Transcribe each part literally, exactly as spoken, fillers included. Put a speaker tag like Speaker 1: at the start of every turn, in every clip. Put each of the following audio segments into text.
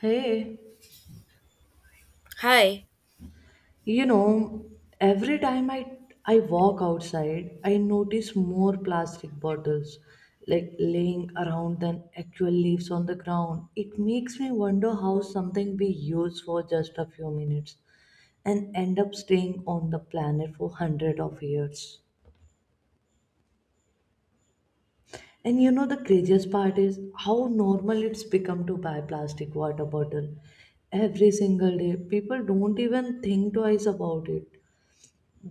Speaker 1: Hey,
Speaker 2: Hi.
Speaker 1: you know, every time I I walk outside, I notice more plastic bottles like laying around than actual leaves on the ground. It makes me wonder how something we use for just a few minutes and end up staying on the planet for hundred of years. And you know the craziest part is how normal it's become to buy plastic water bottle every single day. People don't even think twice about it.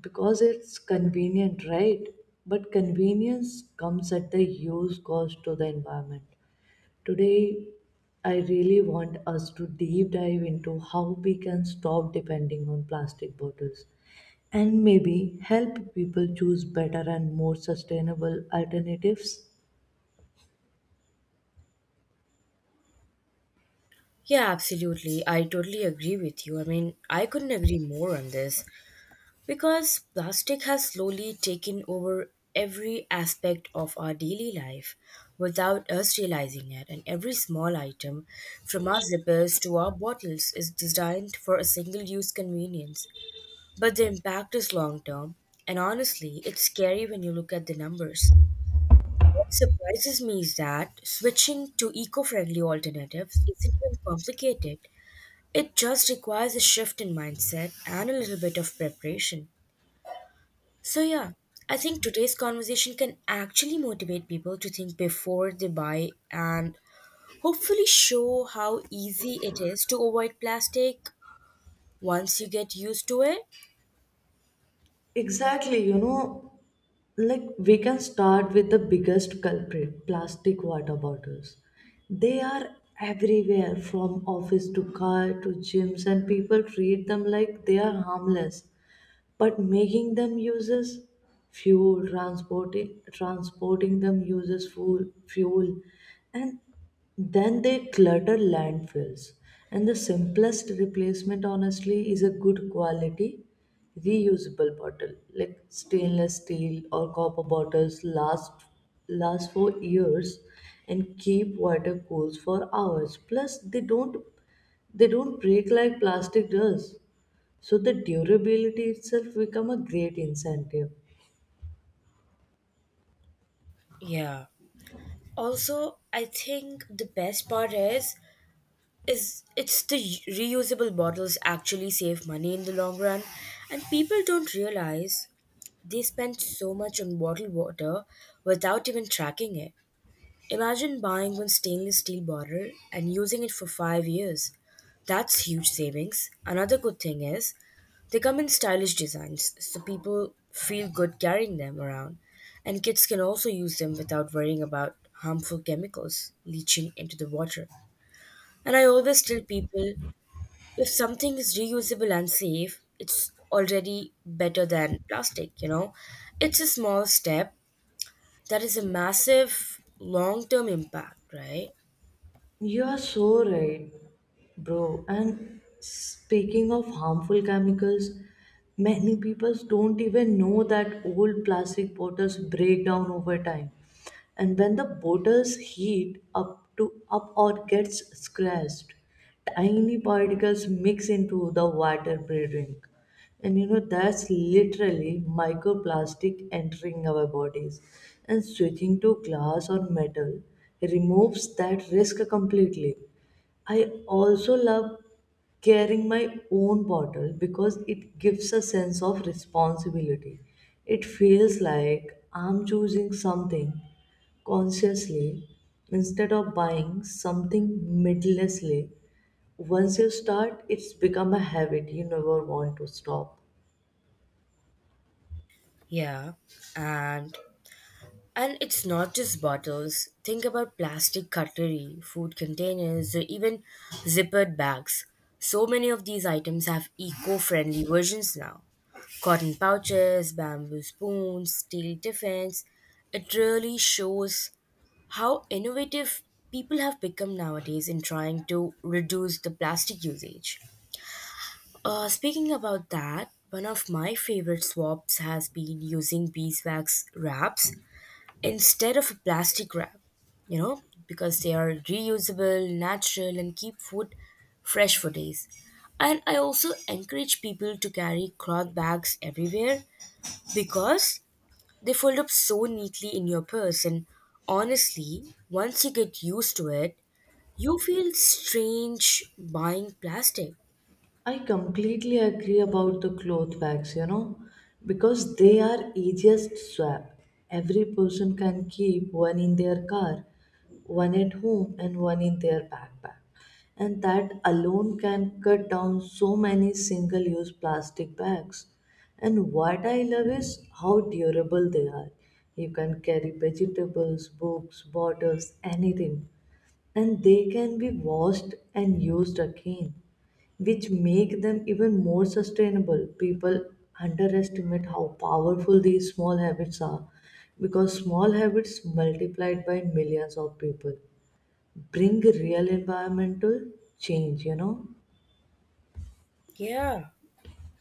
Speaker 1: Because it's convenient, right? But convenience comes at the huge cost to the environment. Today, I really want us to deep dive into how we can stop depending on plastic bottles and maybe help people choose better and more sustainable alternatives.
Speaker 2: Yeah, absolutely. I totally agree with you. I mean, I couldn't agree more on this because plastic has slowly taken over every aspect of our daily life without us realizing it. And every small item, from our zippers to our bottles, is designed for a single use convenience. But the impact is long term. And honestly, it's scary when you look at the numbers. What surprises me is that switching to eco friendly alternatives isn't even complicated. It just requires a shift in mindset and a little bit of preparation. So, yeah, I think today's conversation can actually motivate people to think before they buy and hopefully show how easy it is to avoid plastic once you get used to it.
Speaker 1: Exactly, you know, like we can start with the biggest culprit plastic water bottles. They are everywhere from office to car to gyms, and people treat them like they are harmless, but making them uses fuel, transporting transporting them uses fuel fuel, and then they clutter landfills. And the simplest replacement honestly is a good quality reusable bottle, like stainless steel or copper bottles last last for years and keep water cool for hours. Plus they don't they don't break like plastic does, so the durability itself become a great incentive.
Speaker 2: Yeah. Also, I think the best part is is it's the reusable bottles actually save money in the long run and people don't realize they spend so much on bottled water without even tracking it. Imagine buying one stainless steel bottle and using it for five years. That's huge savings. Another good thing is they come in stylish designs, so people feel good carrying them around. And kids can also use them without worrying about harmful chemicals leaching into the water. And I always tell people if something is reusable and safe, it's already better than plastic, you know? It's a small step, that is a massive long term impact, right?
Speaker 1: You are so right, bro. And speaking of harmful chemicals, many people don't even know that old plastic bottles break down over time. And when the bottles heat up to up or gets scratched, tiny particles mix into the water they drink. And you know, that's literally microplastic entering our bodies. And switching to glass or metal removes that risk completely. I also love carrying my own bottle because it gives a sense of responsibility. It feels like I'm choosing something consciously instead of buying something mindlessly. Once you start, it's become a habit you never want to stop.
Speaker 2: Yeah, and and it's not just bottles. Think about plastic cutlery, food containers, or even zippered bags. So many of these items have eco-friendly versions now. Cotton pouches, bamboo spoons, steel tiffins. It really shows how innovative people have become nowadays in trying to reduce the plastic usage. Uh, speaking about that, one of my favorite swaps has been using beeswax wraps instead of a plastic wrap, you know, because they are reusable, natural, and keep food fresh for days. And I also encourage people to carry cloth bags everywhere because they fold up so neatly in your purse. And honestly, once you get used to it, you feel strange buying plastic.
Speaker 1: I completely agree about the cloth bags, you know, because they are easiest swap. Every person can keep one in their car, one at home, and one in their backpack, and that alone can cut down so many single use plastic bags. And what I love is how durable they are. You can carry vegetables, books, bottles, anything, and they can be washed and used again, which make them even more sustainable. People underestimate how powerful these small habits are, because small habits multiplied by millions of people bring real environmental change, you know.
Speaker 2: Yeah.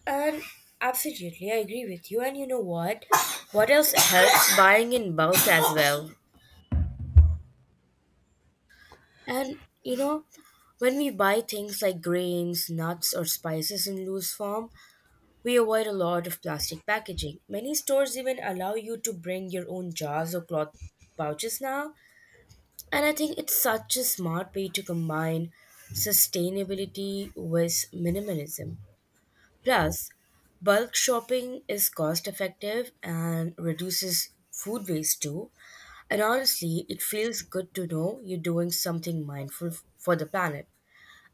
Speaker 2: And absolutely, I agree with you. And you know what? What else helps buying in bulk as well? And you know, when we buy things like grains, nuts, or spices in loose form, we avoid a lot of plastic packaging. Many stores even allow you to bring your own jars or cloth pouches now. And I think it's such a smart way to combine sustainability with minimalism. Plus, bulk shopping is cost effective and reduces food waste too. And honestly, it feels good to know you're doing something mindful f- for the planet.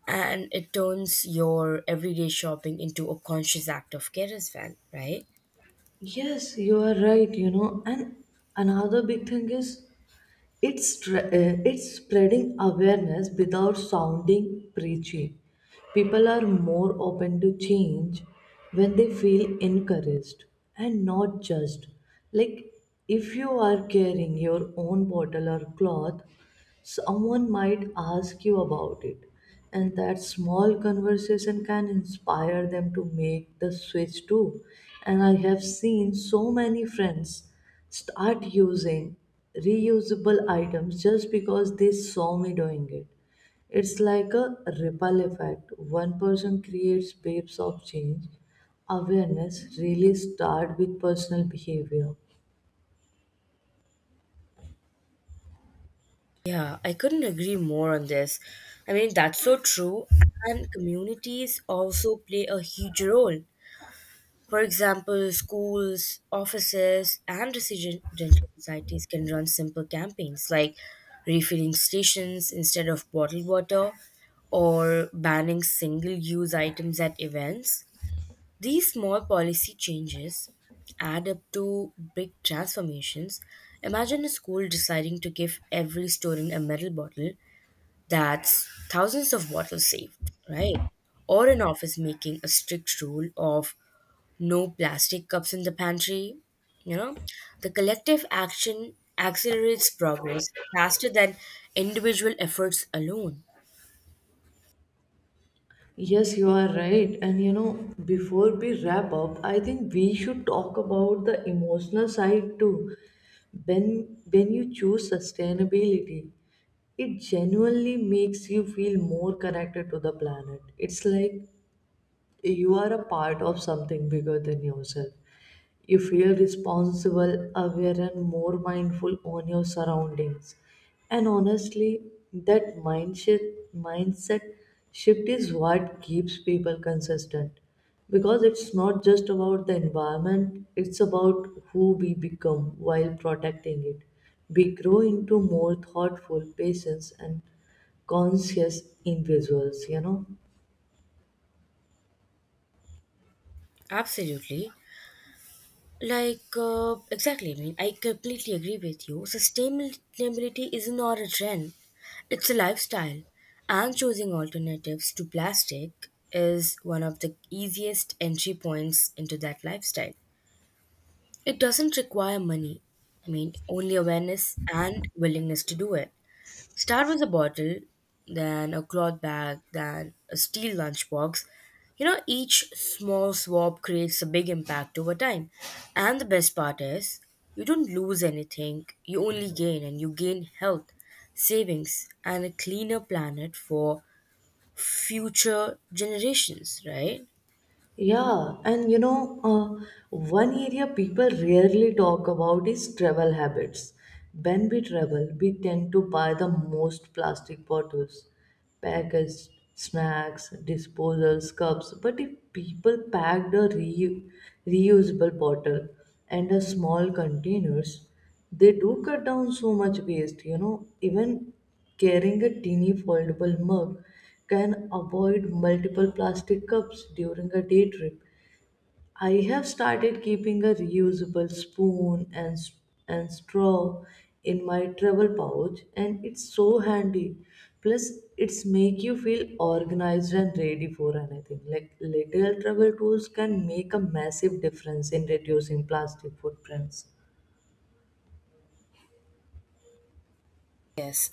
Speaker 2: And it turns your everyday shopping into a conscious act of care as well, right?
Speaker 1: Yes, you are right, you know. And another big thing is It's, tra- uh, it's spreading awareness without sounding preachy. People are more open to change when they feel encouraged and not judged. Like if you are carrying your own bottle or cloth, someone might ask you about it, and that small conversation can inspire them to make the switch too. And I have seen so many friends start using reusable items just because they saw me doing it. It's like a ripple effect. One person creates waves of change. Awareness really starts with personal behavior.
Speaker 2: Yeah, I couldn't agree more on this. I mean, that's so true. And communities also play a huge role. For example, schools, offices, and residential societies can run simple campaigns like refilling stations instead of bottled water or banning single use items at events. These small policy changes add up to big transformations. Imagine a school deciding to give every student a metal bottle that's thousands of bottles saved, right? Or an office making a strict rule of no plastic cups in the pantry. You know, the collective action accelerates progress faster than individual efforts alone.
Speaker 1: Yes, you are right. And you know, before we wrap up, I think we should talk about the emotional side too. When when you choose sustainability, it genuinely makes you feel more connected to the planet. It's like you are a part of something bigger than yourself. You feel responsible, aware, and more mindful on your surroundings. And honestly, that mindset mindset shift is what keeps people consistent. Because it's not just about the environment, it's about who we become while protecting it. We grow into more thoughtful, patient, and conscious individuals, you know.
Speaker 2: Absolutely. Like, uh, exactly. I mean, I completely agree with you. Sustainability is not a trend, it's a lifestyle. And choosing alternatives to plastic is one of the easiest entry points into that lifestyle. It doesn't require money, I mean, only awareness and willingness to do it. Start with a bottle, then a cloth bag, then a steel lunchbox. You know, each small swap creates a big impact over time. And the best part is, you don't lose anything, you only gain, and you gain health, savings, and a cleaner planet for future generations, right?
Speaker 1: Yeah, and you know, uh, one area people rarely talk about is travel habits. When we travel, we tend to buy the most plastic bottles, packaged snacks, disposals, cups. But if people packed a reu- reusable bottle and a small containers, they do cut down so much waste. You know, even carrying a teeny foldable mug can avoid multiple plastic cups during a day trip. I have started keeping a reusable spoon and, s- and straw in my travel pouch, and it's so handy. Plus it's make you feel organized and ready for anything. Like little travel tools can make a massive difference in reducing plastic footprints.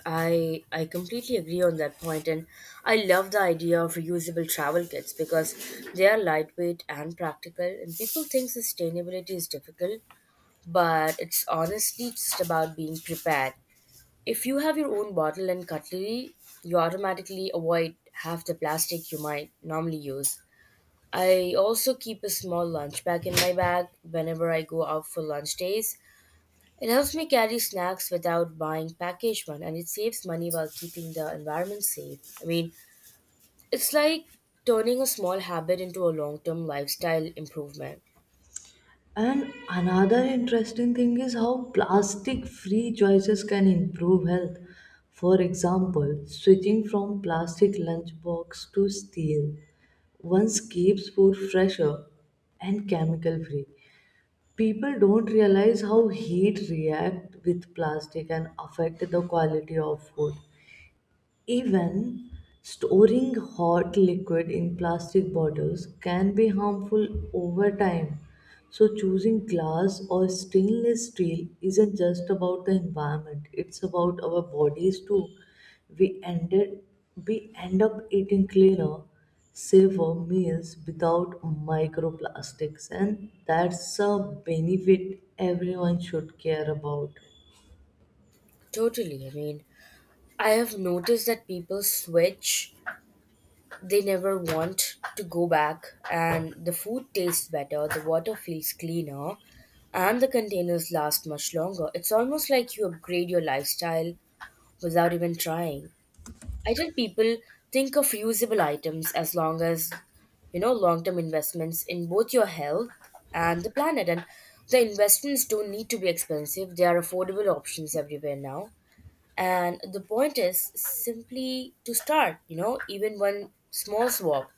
Speaker 2: I I completely agree on that point, and I love the idea of reusable travel kits because they are lightweight and practical. And people think sustainability is difficult, but it's honestly just about being prepared. If you have your own bottle and cutlery, you automatically avoid half the plastic you might normally use. I also keep a small lunch bag in my bag whenever I go out for lunch days it helps me carry snacks without buying packaged one and it saves money while keeping the environment safe. I mean, it's like turning a small habit into a long-term lifestyle improvement.
Speaker 1: And another interesting thing is how plastic free choices can improve health. For example, switching from plastic lunchbox to steel once keeps food fresher and chemical free. People don't realize how heat react with plastic and affect the quality of food. Even storing hot liquid in plastic bottles can be harmful over time. So, choosing glass or stainless steel isn't just about the environment, it's about our bodies too. We, ended, we end up eating cleaner, safer meals without microplastics, and that's a benefit everyone should care about.
Speaker 2: Totally. I mean, I have noticed that people switch, they never want to go back and the food tastes better, the water feels cleaner, and the containers last much longer. It's almost like you upgrade your lifestyle without even trying. I tell people think of reusable items as long as you know long term investments in both your health and the planet. And the investments don't need to be expensive, they are affordable options everywhere now. And the point is simply to start, you know, even one small swap,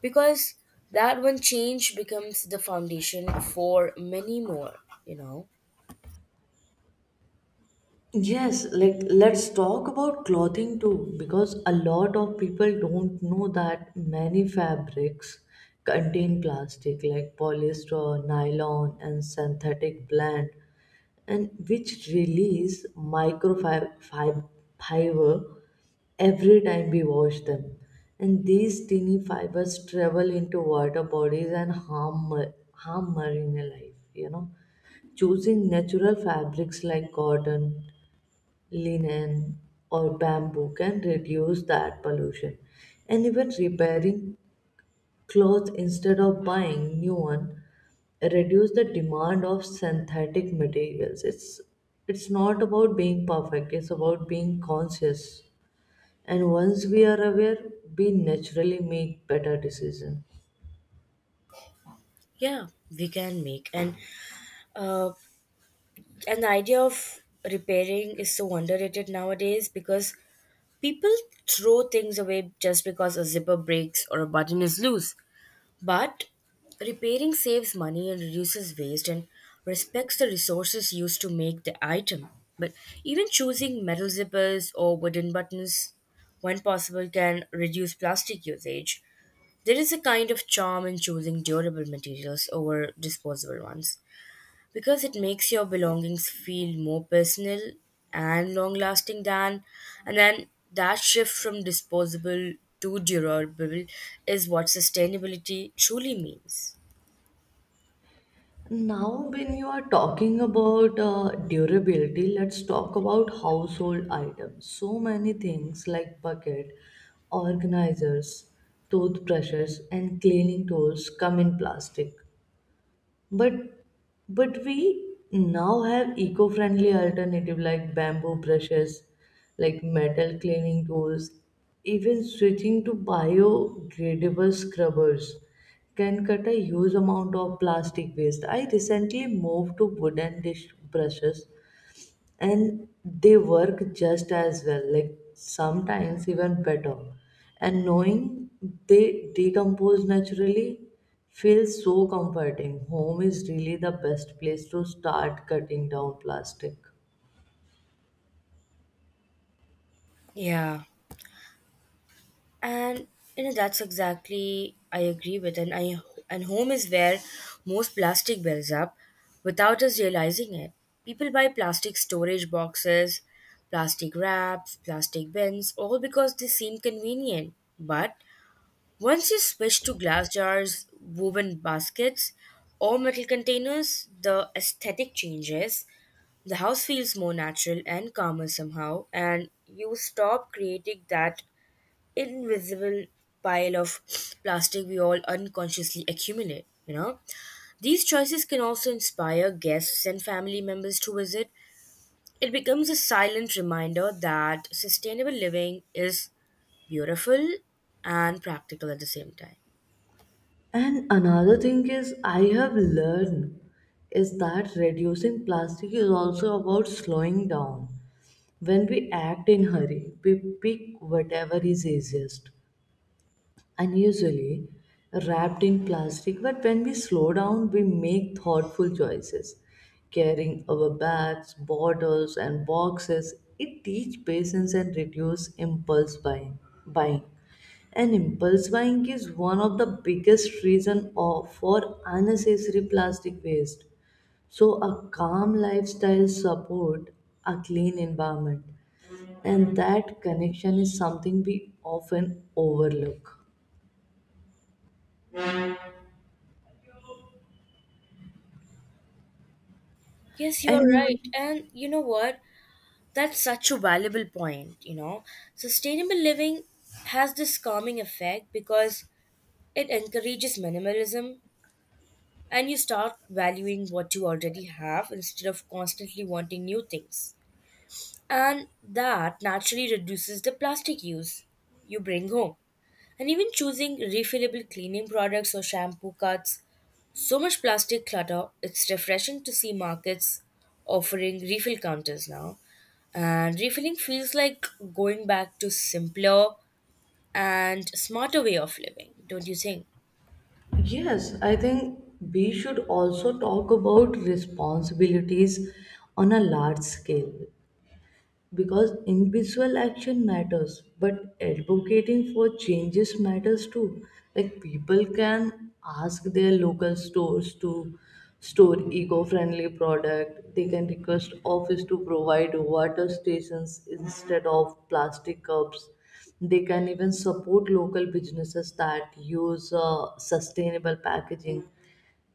Speaker 2: because that one change becomes the foundation for many more, you know
Speaker 1: Yes, like let's talk about clothing too, because a lot of people don't know that many fabrics contain plastic like polyester, nylon, and synthetic blend, and which release microfiber every time we wash them. And these teeny fibers travel into water bodies and harm ma- harm marine life, you know. Choosing natural fabrics like cotton, linen, or bamboo can reduce that pollution. And even repairing clothes instead of buying new one reduce the demand of synthetic materials. it's it's not about being perfect, it's about being conscious, and once we are aware, we naturally make better decisions.
Speaker 2: yeah. we can make and uh, an idea of repairing is so underrated nowadays because people throw things away just because a zipper breaks or a button is loose. But repairing saves money and reduces waste and respects the resources used to make the item. But even choosing metal zippers or wooden buttons, when possible, can reduce plastic usage. There is a kind of charm in choosing durable materials over disposable ones because it makes your belongings feel more personal and long lasting than and then that shift from disposable to durable is what sustainability truly means.
Speaker 1: Now, when you are talking about uh, durability, let's talk about household items. So many things like bucket, organizers, toothbrushes, and cleaning tools come in plastic. But but we now have eco-friendly alternative like bamboo brushes, like metal cleaning tools. Even switching to biodegradable scrubbers can cut a huge amount of plastic waste. I recently moved to wooden dish brushes, and they work just as well, like sometimes even better, and knowing they decompose naturally feels so comforting. Home is really the best place to start cutting down plastic.
Speaker 2: Yeah, and you know that's exactly i agree with and i and home is where most plastic builds up without us realizing it. People buy plastic storage boxes, plastic wraps, plastic bins all because they seem convenient. But once you switch to glass jars, woven baskets, or metal containers, the aesthetic changes. The house feels more natural and calmer somehow, and you stop creating that invisible pile of plastic we all unconsciously accumulate. You know, these choices can also inspire guests and family members to visit. It becomes a silent reminder that sustainable living is beautiful and practical at the same time.
Speaker 1: And another thing is I have learned is that reducing plastic is also about slowing down. When we act in hurry, we pick whatever is easiest, and usually wrapped in plastic. But when we slow down, we make thoughtful choices. Carrying our bags, bottles, and boxes, it teaches patience and reduce impulse buying. buying. And impulse buying is one of the biggest reason of, for unnecessary plastic waste. So a calm lifestyle support a clean environment, and that connection is something we often overlook.
Speaker 2: Yes, you are
Speaker 1: And you
Speaker 2: right.
Speaker 1: know,
Speaker 2: And you know what? That's such a valuable point, you know. Sustainable living has this calming effect because it encourages minimalism and you start valuing what you already have instead of constantly wanting new things. And that naturally reduces the plastic use you bring home. And even choosing refillable cleaning products or shampoo cuts so much plastic clutter, it's refreshing to see markets offering refill counters now. And refilling feels like going back to simpler and smarter way of living, don't you think?
Speaker 1: yes, I think we should also talk about responsibilities on a large scale, because individual action matters but advocating for changes matters too. Like people can ask their local stores to store eco-friendly product. They can request office to provide water stations instead of plastic cups. They can even support local businesses that use uh, sustainable packaging.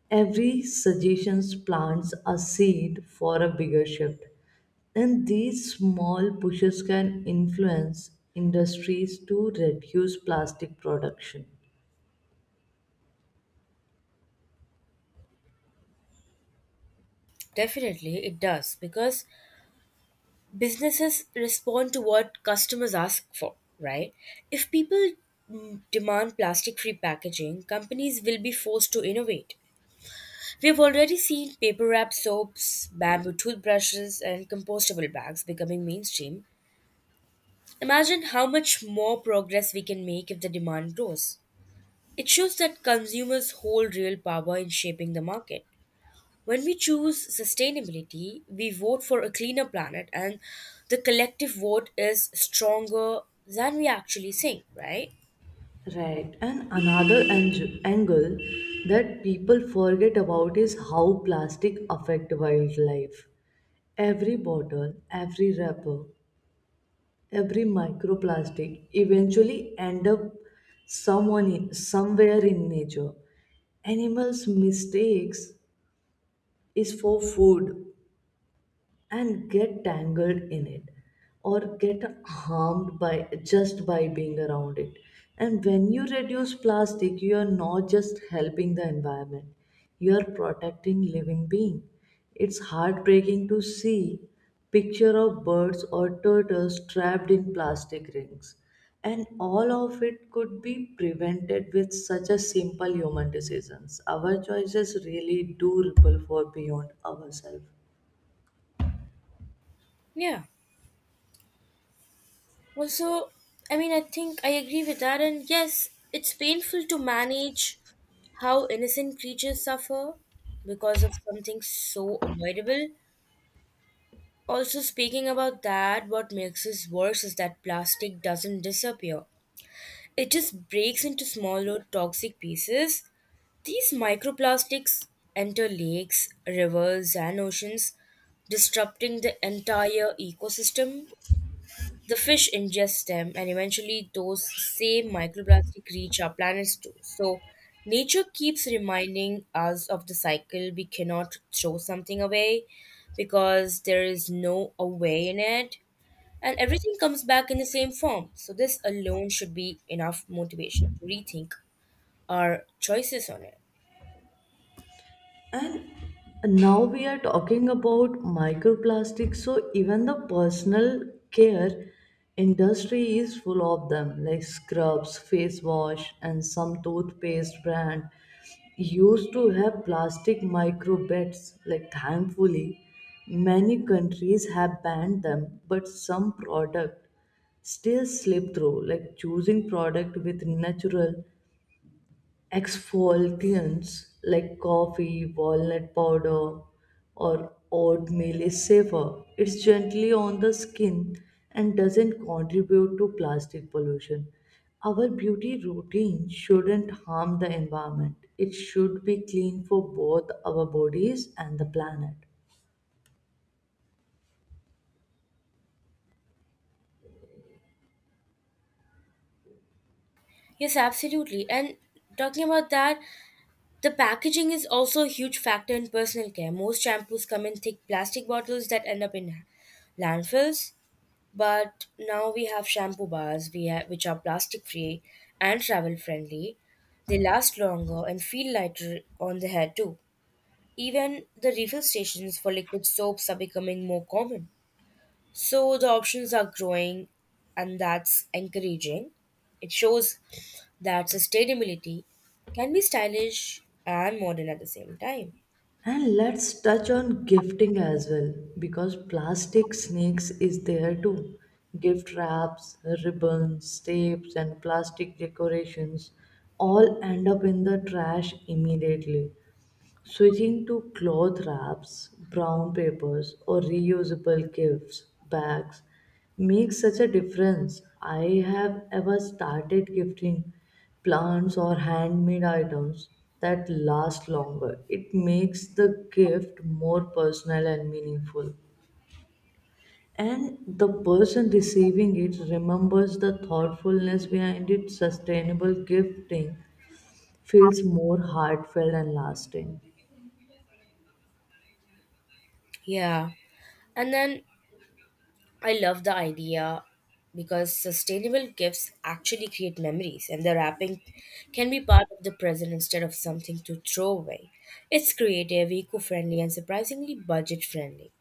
Speaker 1: Every suggestion plants a seed for a bigger shift. And these small pushes can influence industries to reduce plastic production.
Speaker 2: Definitely it does because businesses respond to what customers ask for, right? If people mm, demand plastic-free packaging, companies will be forced to innovate. We've already seen paper wrap soaps, bamboo toothbrushes, and compostable bags becoming mainstream. Imagine how much more progress we can make if the demand grows. It shows that consumers hold real power in shaping the market. When we choose sustainability, we vote for a cleaner planet, and the collective vote is stronger than we actually think, right?
Speaker 1: Right. And another ang- angle that people forget about is how plastic affect wildlife. Every bottle, every wrapper, every microplastic eventually end up someone in, somewhere in nature. Animals' mistakes is for food and get tangled in it or get harmed by just by being around it. And when you reduce plastic, you are not just helping the environment, you are protecting living being. It's heartbreaking to see picture of birds or turtles trapped in plastic rings, and all of it could be prevented with such a simple human decisions. Our choices really do ripple for beyond ourselves.
Speaker 2: Yeah. Also, I mean, I think I agree with that, and yes, it's painful to manage how innocent creatures suffer because of something so avoidable. Also, speaking about that, what makes this worse is that plastic doesn't disappear. It just breaks into smaller toxic pieces. These microplastics enter lakes, rivers, and oceans, disrupting the entire ecosystem. The fish ingest them, and eventually, those same microplastic reach our planets too. So, nature keeps reminding us of the cycle. We cannot throw something away because there is no away in it. And everything comes back in the same form. So, this alone should be enough motivation to rethink our choices on it.
Speaker 1: And now we are talking about microplastics, so even the personal care industry is full of them, like scrubs, face wash, and some toothpaste brand used to have plastic microbits. Like thankfully, many countries have banned them, but some product still slip through. Like choosing product with natural exfoliants like coffee, walnut powder, or oatmeal is safer. It's gently on the skin and doesn't contribute to plastic pollution. Our beauty routine shouldn't harm the environment. It should be clean for both our bodies and the planet.
Speaker 2: Yes, absolutely. And talking about that, the packaging is also a huge factor in personal care. Most shampoos come in thick plastic bottles that end up in landfills, but now we have shampoo bars we have, which are plastic free and travel friendly. They last longer and feel lighter on the hair too. Even the refill stations for liquid soaps are becoming more common. So the options are growing, and that's encouraging. It shows that sustainability can be stylish and modern at the same time.
Speaker 1: And let's touch on gifting as well, because plastic snakes is there too. Gift wraps, ribbons, tapes, and plastic decorations all end up in the trash immediately. Switching to cloth wraps, brown papers, or reusable gifts bags makes such a difference. I have ever started gifting plants or handmade items that last longer. It makes the gift more personal and meaningful. And the person receiving it remembers the thoughtfulness behind it. Sustainable gifting feels more heartfelt and lasting.
Speaker 2: Yeah. And then I love the idea because sustainable gifts actually create memories, and the wrapping can be part of the present instead of something to throw away. It's creative, eco friendly, and surprisingly budget friendly.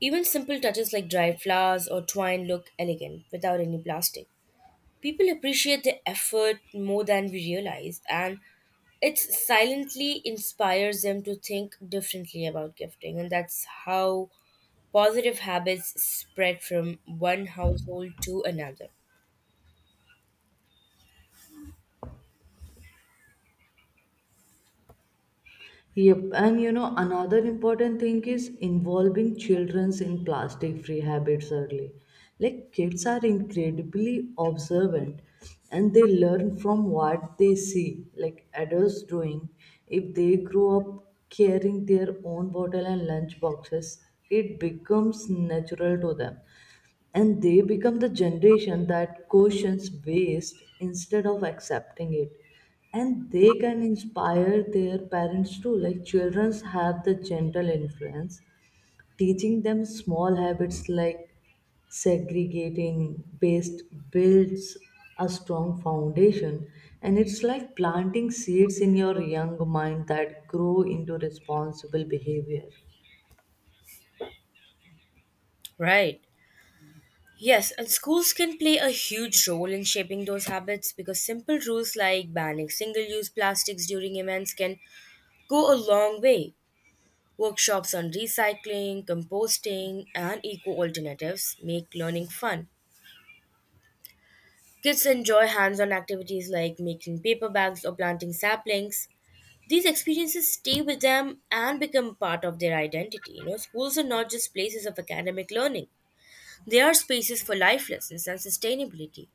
Speaker 2: Even simple touches like dried flowers or twine look elegant without any plastic. People appreciate the effort more than we realize, and it silently inspires them to think differently about gifting. And that's how positive habits spread from one household to another.
Speaker 1: Yep, and you know, another important thing is involving childrens in plastic free habits early. Like, kids are incredibly observant, and they learn from what they see, like adults doing. If they grow up carrying their own bottle and lunch boxes, it becomes natural to them, and they become the generation that questions waste instead of accepting it. And they can inspire their parents too. Like children have the gentle influence. Teaching them small habits like segregating based builds a strong foundation. And it's like planting seeds in your young mind that grow into responsible behavior.
Speaker 2: Right. Yes, and schools can play a huge role in shaping those habits because simple rules like banning single use plastics during events can go a long way. Workshops on recycling, composting, and eco alternatives make learning fun. Kids enjoy hands on activities like making paper bags or planting saplings. These experiences stay with them and become part of their identity. You know, schools are not just places of academic learning, they are spaces for life lessons and sustainability.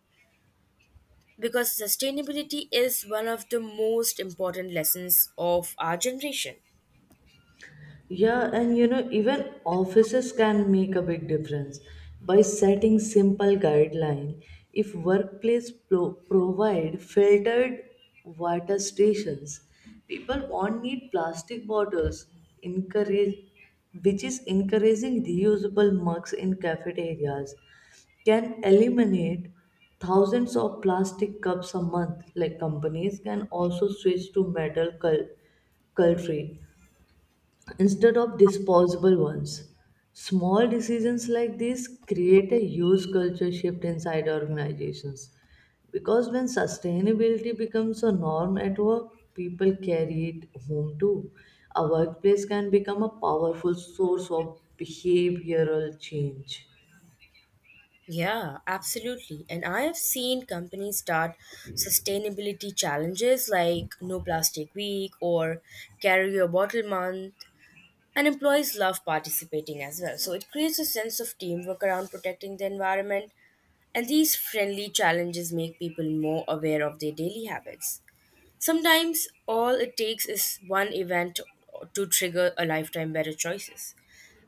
Speaker 2: Because sustainability is one of the most important lessons of our generation.
Speaker 1: Yeah, and you know, even offices can make a big difference by setting simple guideline. If workplace pro- provide filtered water stations, people won't need plastic bottles. Encourage, which is encouraging reusable mugs in cafeterias, can eliminate thousands of plastic cups a month. Like companies can also switch to metal cul- cutlery instead of disposable ones. Small decisions like this create a huge culture shift inside organizations, because when sustainability becomes a norm at work, people carry it home too. A workplace can become a powerful source of behavioral change.
Speaker 2: Yeah, absolutely. And I have seen companies start sustainability challenges like No Plastic Week or Carry Your Bottle Month. And employees love participating as well. So it creates a sense of teamwork around protecting the environment. And these friendly challenges make people more aware of their daily habits. Sometimes all it takes is one event to trigger a lifetime better choices.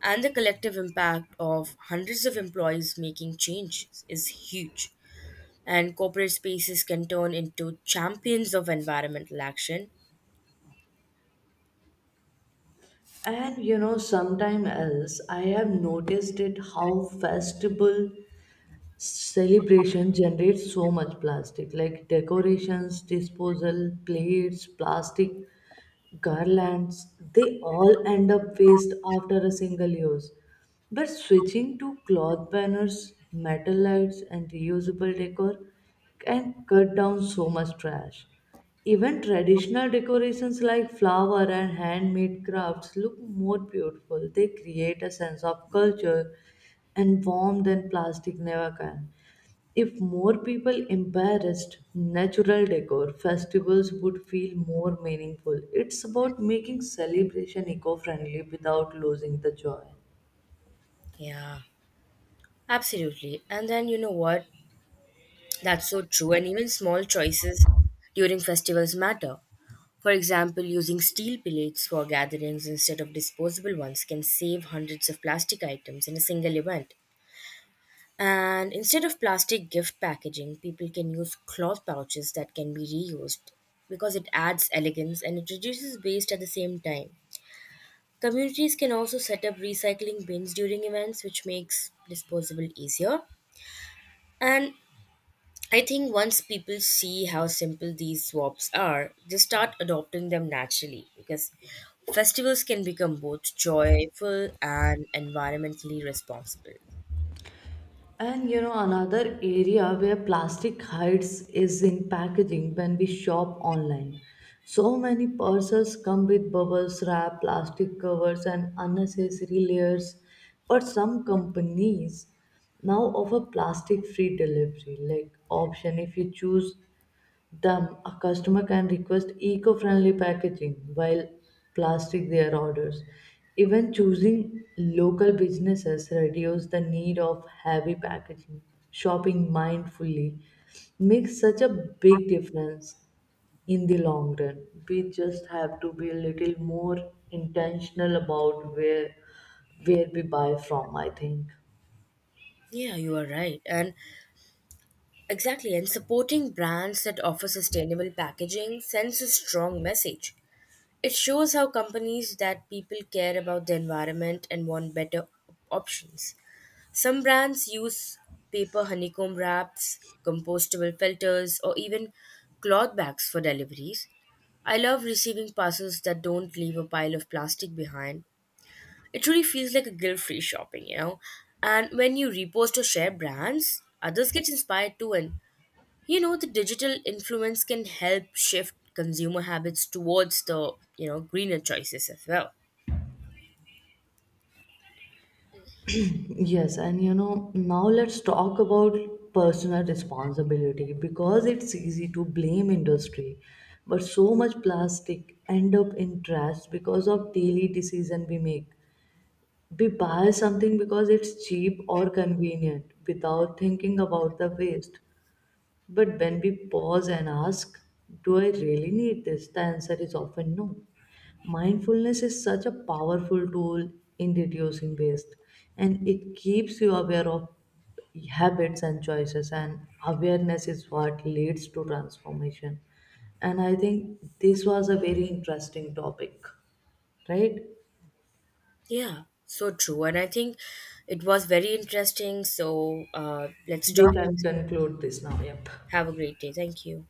Speaker 2: And the collective impact of hundreds of employees making changes is huge. And corporate spaces can turn into champions of environmental action.
Speaker 1: And you know, sometime else, I have noticed it how festival celebration generates so much plastic, like decorations, disposal plates, plastic garlands. They all end up waste after a single use. But switching to cloth banners, metal lights, and reusable decor can cut down so much trash. Even traditional decorations like flower and handmade crafts look more beautiful. They create a sense of culture and warmth than plastic never can. If more people embraced natural decor, festivals would feel more meaningful. It's about making celebration eco friendly without losing the joy.
Speaker 2: Yeah, absolutely. And then you know what? That's so true, and even small choices during festivals matter. For example, using steel plates for gatherings instead of disposable ones can save hundreds of plastic items in a single event. And instead of plastic gift packaging, people can use cloth pouches that can be reused because it adds elegance and it reduces waste at the same time. Communities can also set up recycling bins during events, which makes disposable easier. And I think once people see how simple these swaps are, they start adopting them naturally because festivals can become both joyful and environmentally responsible.
Speaker 1: And you know, another area where plastic hides is in packaging when we shop online. So many purses come with bubbles, wrap, plastic covers, and unnecessary layers. But some companies now offer plastic free delivery like option. If you choose them, a customer can request eco-friendly packaging while plastic their orders. Even choosing local businesses reduce the need of heavy packaging. Shopping mindfully makes such a big difference in the long run. We just have to be a little more intentional about where where we buy from, I think.
Speaker 2: Yeah, you are right. And exactly, and supporting brands that offer sustainable packaging sends a strong message. It shows how companies that people care about the environment and want better options. Some brands use paper honeycomb wraps, compostable filters, or even cloth bags for deliveries. I love receiving parcels that don't leave a pile of plastic behind. It really feels like a guilt free shopping, you know. And when you repost or share brands, others get inspired too. And you know, the digital influence can help shift consumer habits towards the, you know, greener choices as well.
Speaker 1: Yes, and you know, now let's talk about personal responsibility, because it's easy to blame industry, but so much plastic end up in trash because of daily decision we make. We buy something because it's cheap or convenient without thinking about the waste. But when we pause and ask, "Do I really need this?" the answer is often no. Mindfulness is such a powerful tool in reducing waste, and it keeps you aware of habits and choices, and awareness is what leads to transformation. And I think this was a very interesting topic, right?
Speaker 2: Yeah, so true. And I think it was very interesting. So uh, let's
Speaker 1: We
Speaker 2: talk.
Speaker 1: can conclude this now. Yep.
Speaker 2: Have a great day. Thank you.